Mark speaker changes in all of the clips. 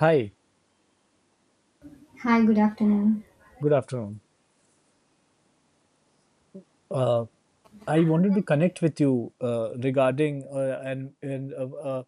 Speaker 1: Hi,
Speaker 2: Hi, good afternoon.
Speaker 1: good afternoon. Uh, I wanted to connect with you regarding an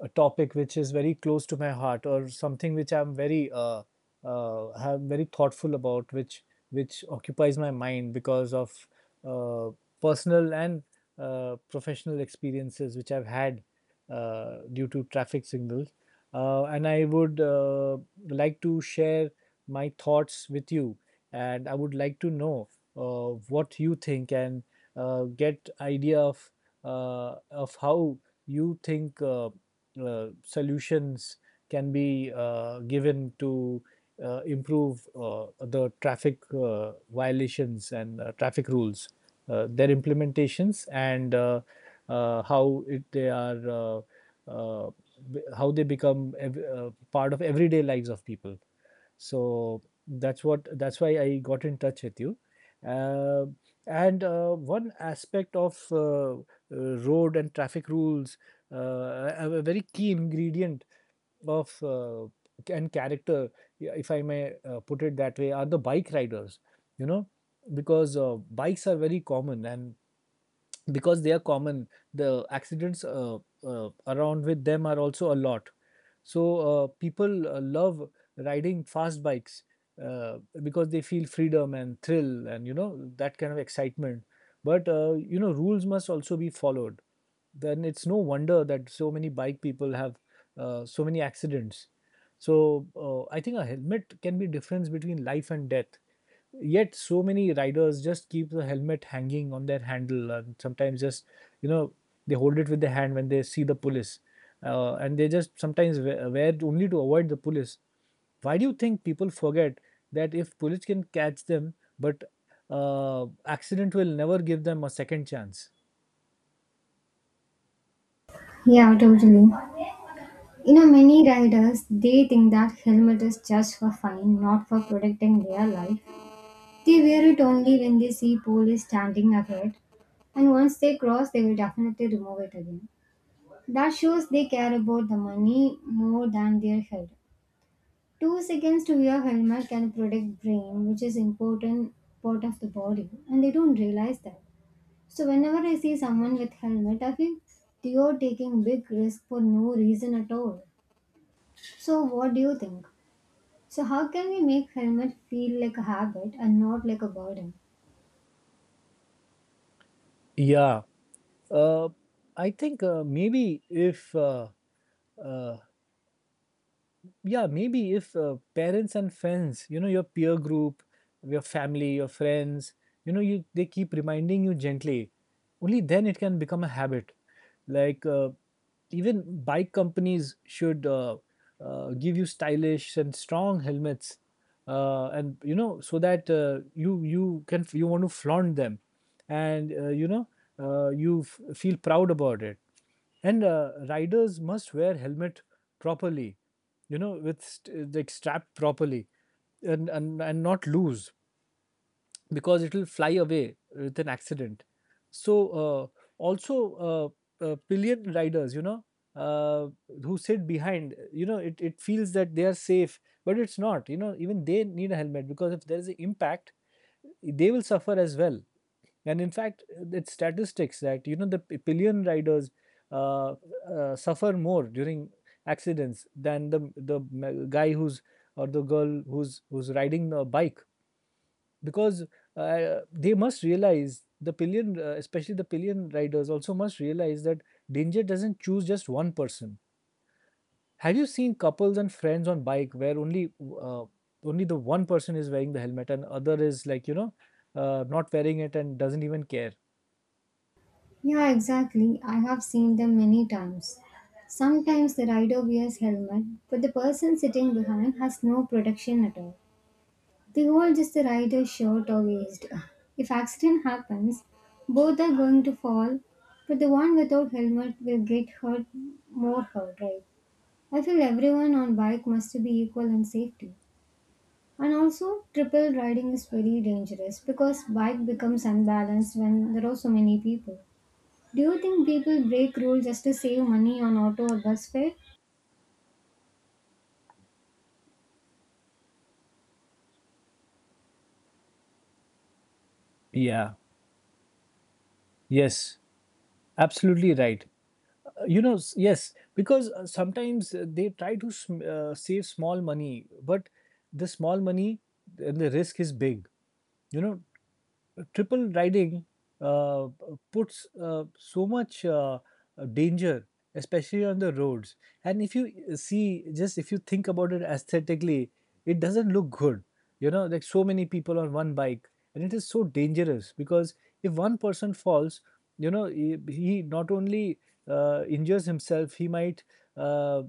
Speaker 1: a topic which is very close to my heart, or something which I'm very have very thoughtful about, which occupies my mind because of uh, personal and professional experiences which I've had due to traffic signals, and I would like to share my thoughts with you, and I would like to know what you think and get idea of how you think solutions can be given to improve the traffic violations and traffic rules, their implementations, and how they are uh, how they become part of everyday lives of people. So that's why I got in touch with you. Uh, and one aspect of road and traffic rules, a very key ingredient of and character, yeah, if I may put it that way, are the bike riders. You know, because bikes are very common, and because they are common, the accidents around with them are also a lot. So people love riding fast bikes uh, because they feel freedom and thrill and you know that kind of excitement, but you know rules must also be followed. Then it's no wonder that so many bike people have so many accidents. So I think a helmet can be difference between life and death. Yet so many riders just keep the helmet hanging on their handle, and sometimes just you know they hold it with their hand when they see the police, and they just sometimes wear it only to avoid the police. Why do you think people forget that if police can catch them, but accident will never give them a second chance?
Speaker 2: Yeah, totally. You know, many riders they think that helmet is just for fun, not for protecting their life. They wear it only when they see police standing ahead, and once they cross, they will definitely remove it again. That shows they care about the money more than their health. 2 seconds to wear helmet can protect brain, which is important part of the body, and they don't realize that. So whenever I see someone with helmet, I feel you're taking big risk for no reason at all. So what do you think? So how can we make helmet feel like a habit and not like a burden?
Speaker 1: Yeah, uh, I think maybe if uh, yeah maybe if parents and friends, you know, your peer group, your family, your friends, you know you they keep reminding you gently, only then it can become a habit. Like even bike companies should give you stylish and strong helmets, and you know, so that you can, you want to flaunt them. And you know, you feel proud about it. And riders must wear helmet properly, you know, with like strapped properly, and not loose, because it will fly away with an accident. So also, pillion riders, you know, uh, who sit behind, you know, it feels that they are safe, but it's not. You know, even they need a helmet because if there is an impact, they will suffer as well. And in fact, it's statistics that you know the pillion riders uh, suffer more during accidents than the guy who's, or the girl who's riding a bike, because they must realize, the pillion especially the pillion riders also must realize that danger doesn't choose just one person. Have you seen couples and friends on bike where only uh, only the one person is wearing the helmet and other is, like, you know, not wearing it and doesn't even care?
Speaker 2: Yeah, exactly. I have seen them many times. Sometimes the rider wears helmet, but the person sitting behind has no protection at all. They goal just the rider short or eased. If accident happens, both are going to fall, but the one without helmet will get hurt more hurt, right? I feel everyone on bike must be equal in safety. And also triple riding is very dangerous because bike becomes unbalanced when there are so many people. Do you think people break rules just to save money on auto or bus fare?
Speaker 1: Yeah, yes, absolutely right. You know, yes, because sometimes they try to save small money, but the small money and the risk is big, you know. Triple riding uh, puts so much danger, especially on the roads. And if you see, just if you think about it aesthetically, it doesn't look good, you know, like so many people on one bike. And it is so dangerous because if one person falls, you know, he not only injures himself, he might uh,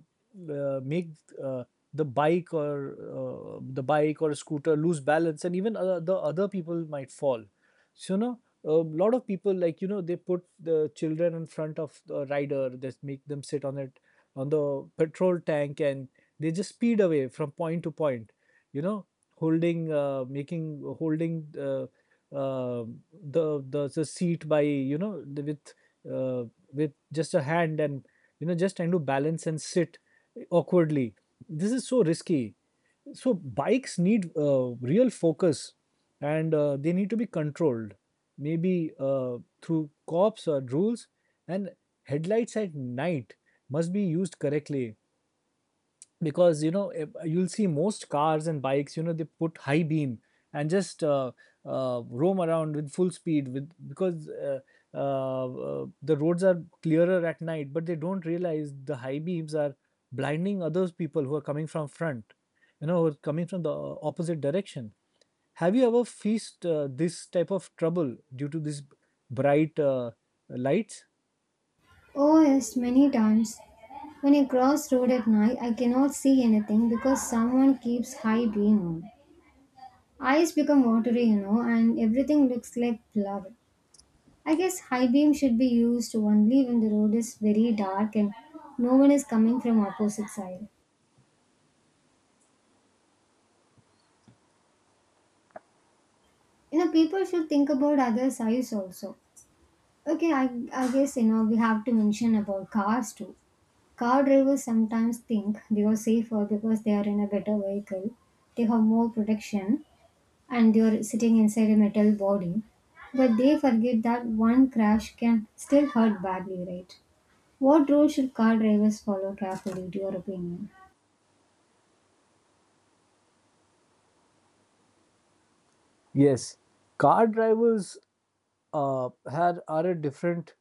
Speaker 1: make uh, the bike or scooter lose balance, and even the other people might fall. So now a lot of people, like you know, they put the children in front of the rider. They make them sit on it, on the petrol tank, and they just speed away from point to point, you know, holding uh, the seat by, you know, uh, with just a hand, and you know, just trying to balance and sit awkwardly. This is so risky. So bikes need real focus, and they need to be controlled, maybe through cops or rules. And headlights at night must be used correctly, because you know, you'll see most cars and bikes, you know, they put high beam and just roam around with full speed with, because the roads are clearer at night, but they don't realize the high beams are blinding others, people who are coming from front, you know, who are coming from the opposite direction. Have you ever faced this type of trouble due to this bright lights?
Speaker 2: Oh, yes, many times. When I cross road at night, I cannot see anything because someone keeps high beam on. Eyes become watery, you know, and everything looks like blur. I guess high beam should be used only when the road is very dark and no one is coming from opposite side. You know, people should think about other sides also. Okay, I guess, you know, we have to mention about cars too. Car drivers sometimes think they are safer because they are in a better vehicle. They have more protection and they're sitting inside a metal body. But they forget that one crash can still hurt badly, right? What rule should car drivers follow carefully, to your opinion?
Speaker 1: Yes, car drivers had are a different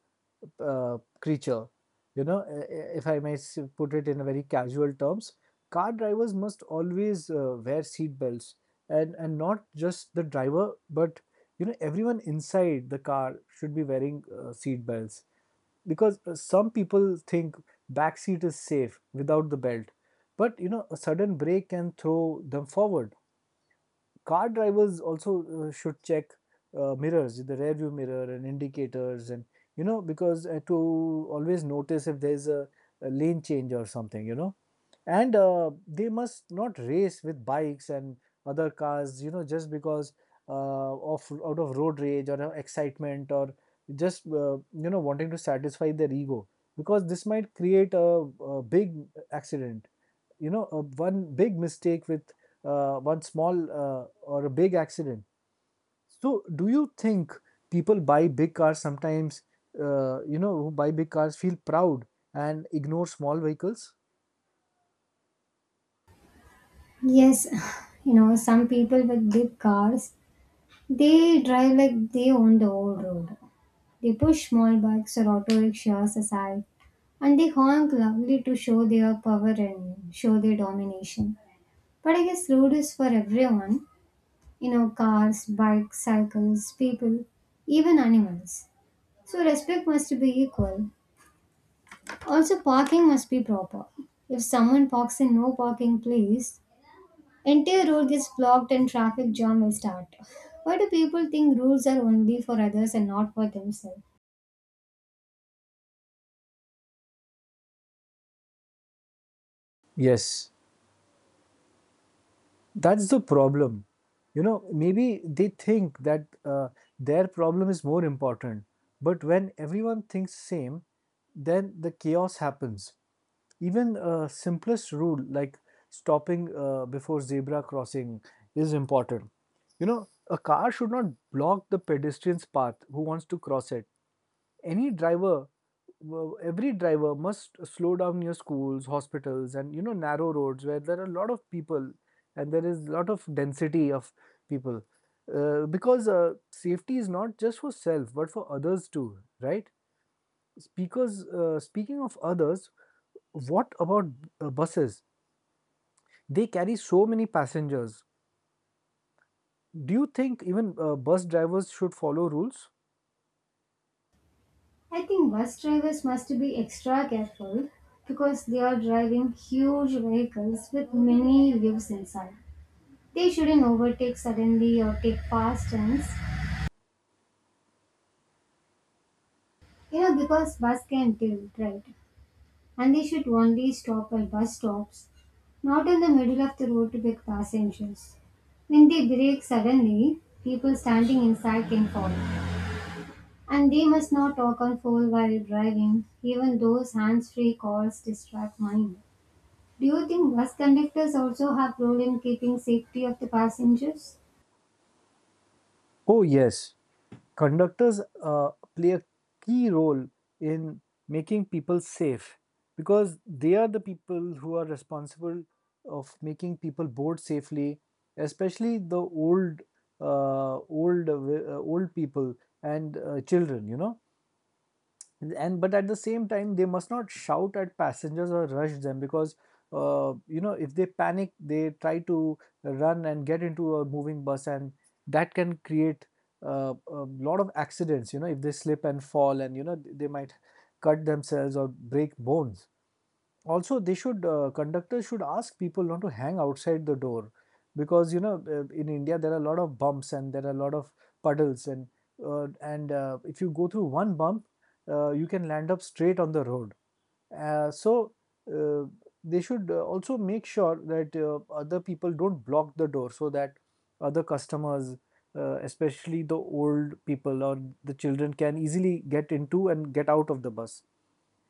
Speaker 1: creature. You know, if I may put it in a very casual terms, car drivers must always wear seat belts, and not just the driver, but you know everyone inside the car should be wearing seat belts, because some people think back seat is safe without the belt, but you know a sudden brake can throw them forward. Car drivers also should check mirrors, the rear view mirror and indicators, and you know, because to always notice if there's a lane change or something, you know. And they must not race with bikes and other cars, you know, just because uh, of out of road rage, or excitement, or just you know wanting to satisfy their ego, because this might create a big accident, you know. One big mistake with one small or a big accident. So do you think people buy big cars sometimes, you know, who buy big cars feel proud and ignore small vehicles?
Speaker 2: Yes, you know, some people with big cars, they drive like they own the whole road. They push small bikes or auto rickshaws aside and they honk loudly to show their power and show their domination. But I guess road is for everyone, you know, cars, bikes, cycles, people, even animals. So respect must be equal. Also, parking must be proper. If someone parks in no parking place, entire road gets blocked and traffic jam will start. Why do people think rules are only for others and not for themselves?
Speaker 1: Yes, that's the problem. You know, maybe they think that their problem is more important. But when everyone thinks same, then the chaos happens. Even a simplest rule like stopping before zebra crossing is important. You know, a car should not block the pedestrian's path who wants to cross it. any driver every driver must slow down near schools, hospitals, and you know narrow roads where there are a lot of people, and there is a lot of density of people, because safety is not just for self, but for others too, right? speakers Speaking of others, what about buses? They carry so many passengers. Do you think even bus drivers should follow rules?
Speaker 2: I think bus drivers must be extra careful because they are driving huge vehicles with many lives inside. They shouldn't overtake suddenly or take fast turns. You know, because bus can tilt, right? And they should only stop at bus stops, not in the middle of the road to pick passengers. When they brake suddenly, people standing inside can fall. And they must not talk on phone while driving, even those hands-free calls distract mind. Do you think bus conductors also have role in keeping safety of the passengers?
Speaker 1: Oh, yes. Conductors play a key role in making people safe, because they are the people who are responsible of making people board safely, especially the old, old people and children. You know, and but at the same time they must not shout at passengers or rush them, because you know if they panic they try to run and get into a moving bus, and that can create a lot of accidents, you know, if they slip and fall, and you know they might cut themselves or break bones. Also they should conductors should ask people not to hang outside the door, because you know in india there are a lot of bumps, and there are a lot of puddles, and if you go through one bump, you can land up straight on the road. Uh, so uh, they should also make sure that other people don't block the door, so that other customers, especially the old people or the children, can easily get into and get out of the bus.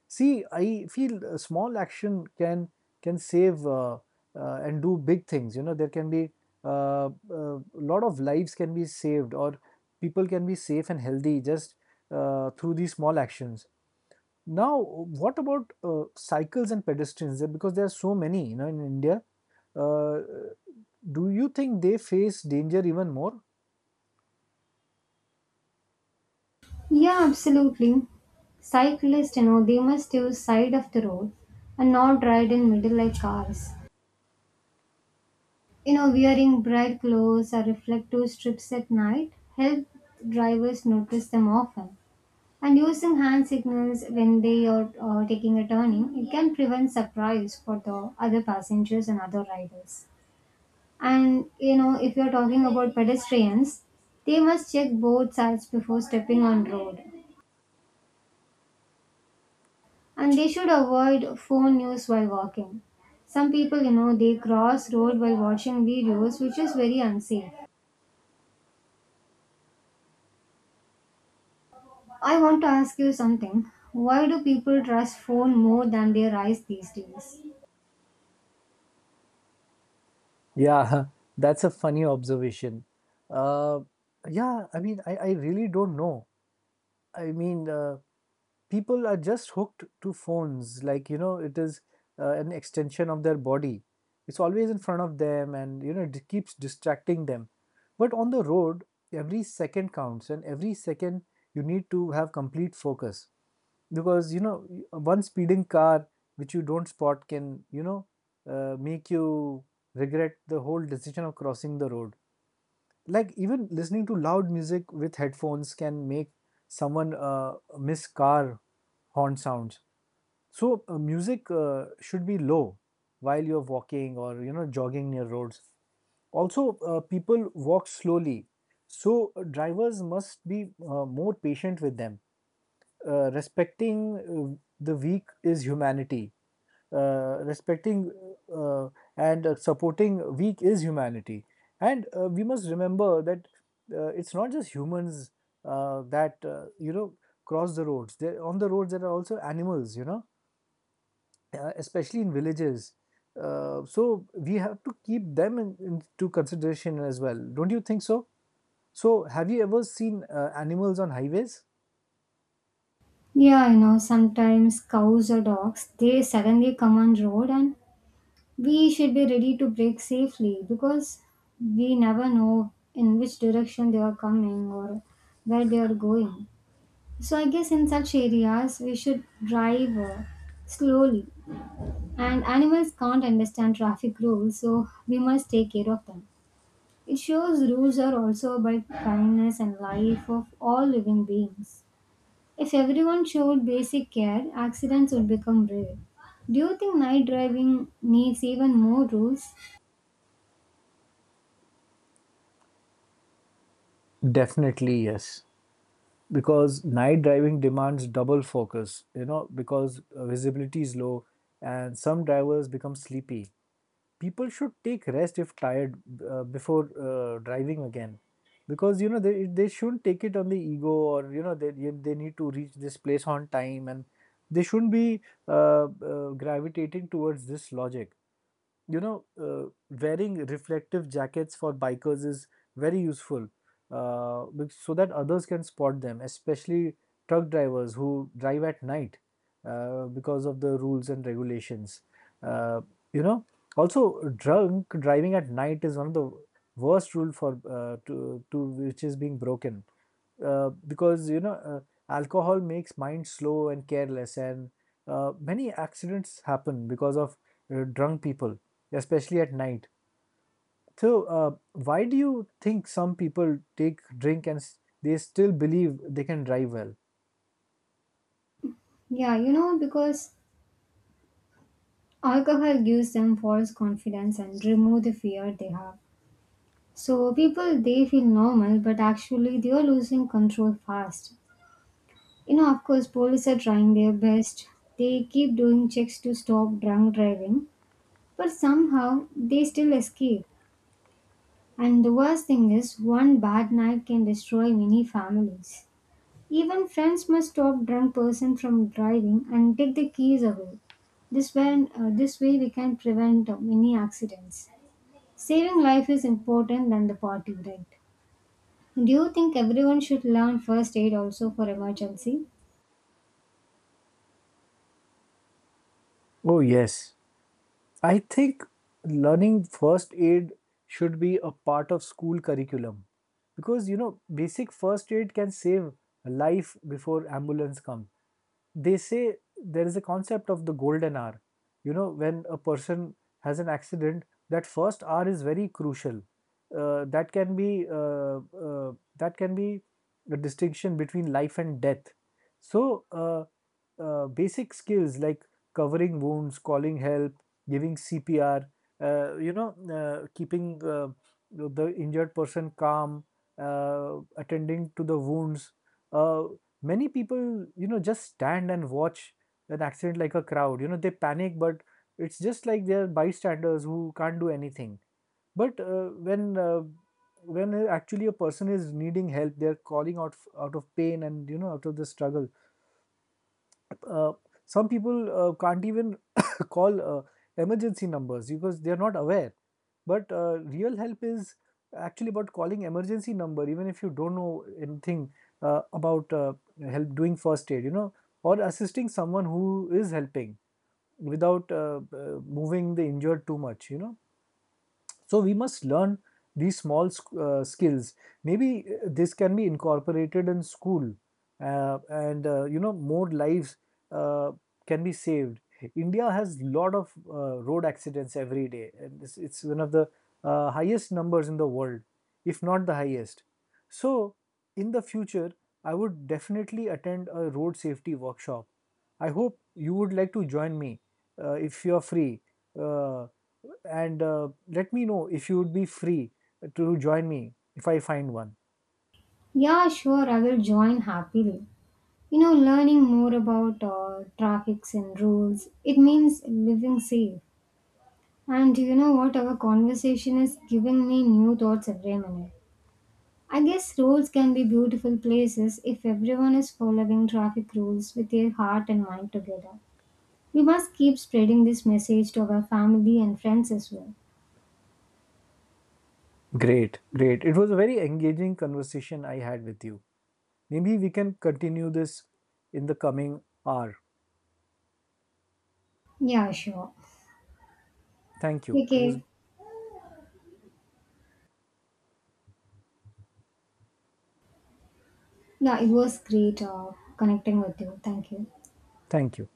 Speaker 1: See, I feel a small action can save and do big things. You know, there can be a lot of lives can be saved, or people can be safe and healthy just through these small actions. Now, what about cycles and pedestrians? Because there are so many, you know, in India. Uh, do you think they face danger even more?
Speaker 2: Yeah, absolutely. Cyclists, you know, they must use side of the road and not ride in middle like cars. You know, wearing bright clothes or reflective strips at night help drivers notice them often. And using hand signals when they are taking a turning, it can prevent surprise for the other passengers and other riders. And you know, if you're talking about pedestrians, they must check both sides before stepping on road. And they should avoid phone use while walking. Some people, you know, they cross road while watching videos, which is very unsafe. I want to ask you something. Why do people trust phone more than their eyes these days?
Speaker 1: Yeah, that's a funny observation. Uh, yeah, I mean, I really don't know. I mean, people are just hooked to phones. Like, you know, it is an extension of their body. It's always in front of them, and, you know, it keeps distracting them. But on the road, every second counts, and every second you need to have complete focus because, you know, one speeding car which you don't spot can, make you regret the whole decision of crossing the road. Like, even listening to loud music with headphones can make someone miss car horn sounds. So music should be low while you're walking or, you know, jogging near roads. Also, people walk slowly, so drivers must be more patient with them. Uh, respecting the weak is humanity. Respecting uh, and supporting weak is humanity. And we must remember that it's not just humans that cross the roads. There, on the roads, there are also animals, you know, especially in villages. So we have to keep them into consideration as well. Don't you think so? So have you ever seen animals on highways?
Speaker 2: Yeah, you know, sometimes cows or dogs, they suddenly come on road and we should be ready to brake safely because we never know in which direction they are coming or where they are going. So I guess in such areas we should drive slowly, and animals can't understand traffic rules so we must take care of them. It shows rules are also about kindness and life of all living beings. If everyone showed basic care, accidents would become rare. Do you think night driving needs even more rules?
Speaker 1: Definitely yes. Because night driving demands double focus, you know, because visibility is low and some drivers become sleepy. People should take rest if tired, before driving again, because, you know, they shouldn't take it on the ego, or, you know, they need to reach this place on time, and they shouldn't be gravitating towards this logic. You know, wearing reflective jackets for bikers is very useful, so that others can spot them, especially truck drivers who drive at night, because of the rules and regulations. uh, you know, Also, drunk driving at night is one of the worst rule for to which is being broken, because, you know, alcohol makes mind slow and careless, and many accidents happen because of drunk people, especially at night. So, why do you think some people take drink and they still believe they can drive well?
Speaker 2: Yeah, you know, because alcohol gives them false confidence and remove the fear they have. So people they feel normal, but actually they are losing control fast. You know, of course, police are trying their best. They keep doing checks to stop drunk driving, but somehow they still escape. And the worst thing is, one bad night can destroy many families. Even friends must stop drunk person from driving and take the keys away. This way we can prevent many accidents. Saving life is important than the party, right? Do you think everyone should learn first aid also for emergency?
Speaker 1: Oh yes, I think learning first aid should be a part of school curriculum, because, you know, basic first aid can save a life before ambulance come. They say there is a concept of the golden hour. You know, when a person has an accident, that first hour is very crucial. That can be a distinction between life and death. So, basic skills like covering wounds, calling help, giving CPR, keeping the injured person calm, attending to the wounds. Uh, Many people, you know, just stand and watch an accident like a crowd. You know, they panic, but it's just like they're bystanders who can't do anything. But when actually a person is needing help, they're calling out out of pain, and, you know, out of the struggle, uh, some people can't even call emergency numbers because they are not aware. But real help is actually about calling emergency number, even if you don't know anything about help doing first aid, you know, or assisting someone who is helping without moving the injured too much, you know. So we must learn these small skills. Maybe this can be incorporated in school, and, you know, more lives uh, can be saved. India has lot of road accidents every day, and it's one of the highest numbers in the world, if not the highest. So in the future, I would definitely attend a road safety workshop. I hope you would like to join me if you are free. Uh, and let me know if you would be free to join me if I find one.
Speaker 2: Yeah, sure, I will join happily. You know, learning more about traffics and rules, it means living safe. And do you know what? Our conversation has given me new thoughts every minute. I guess roads can be beautiful places if everyone is following traffic rules with their heart and mind together. We must keep spreading this message to our family and friends as well.
Speaker 1: Great, great. It was a very engaging conversation I had with you. Maybe we can continue this in the coming hour.
Speaker 2: Yeah, sure.
Speaker 1: Thank you. It was,
Speaker 2: Okay. Yeah, it was great connecting with you. Thank you.
Speaker 1: thank you.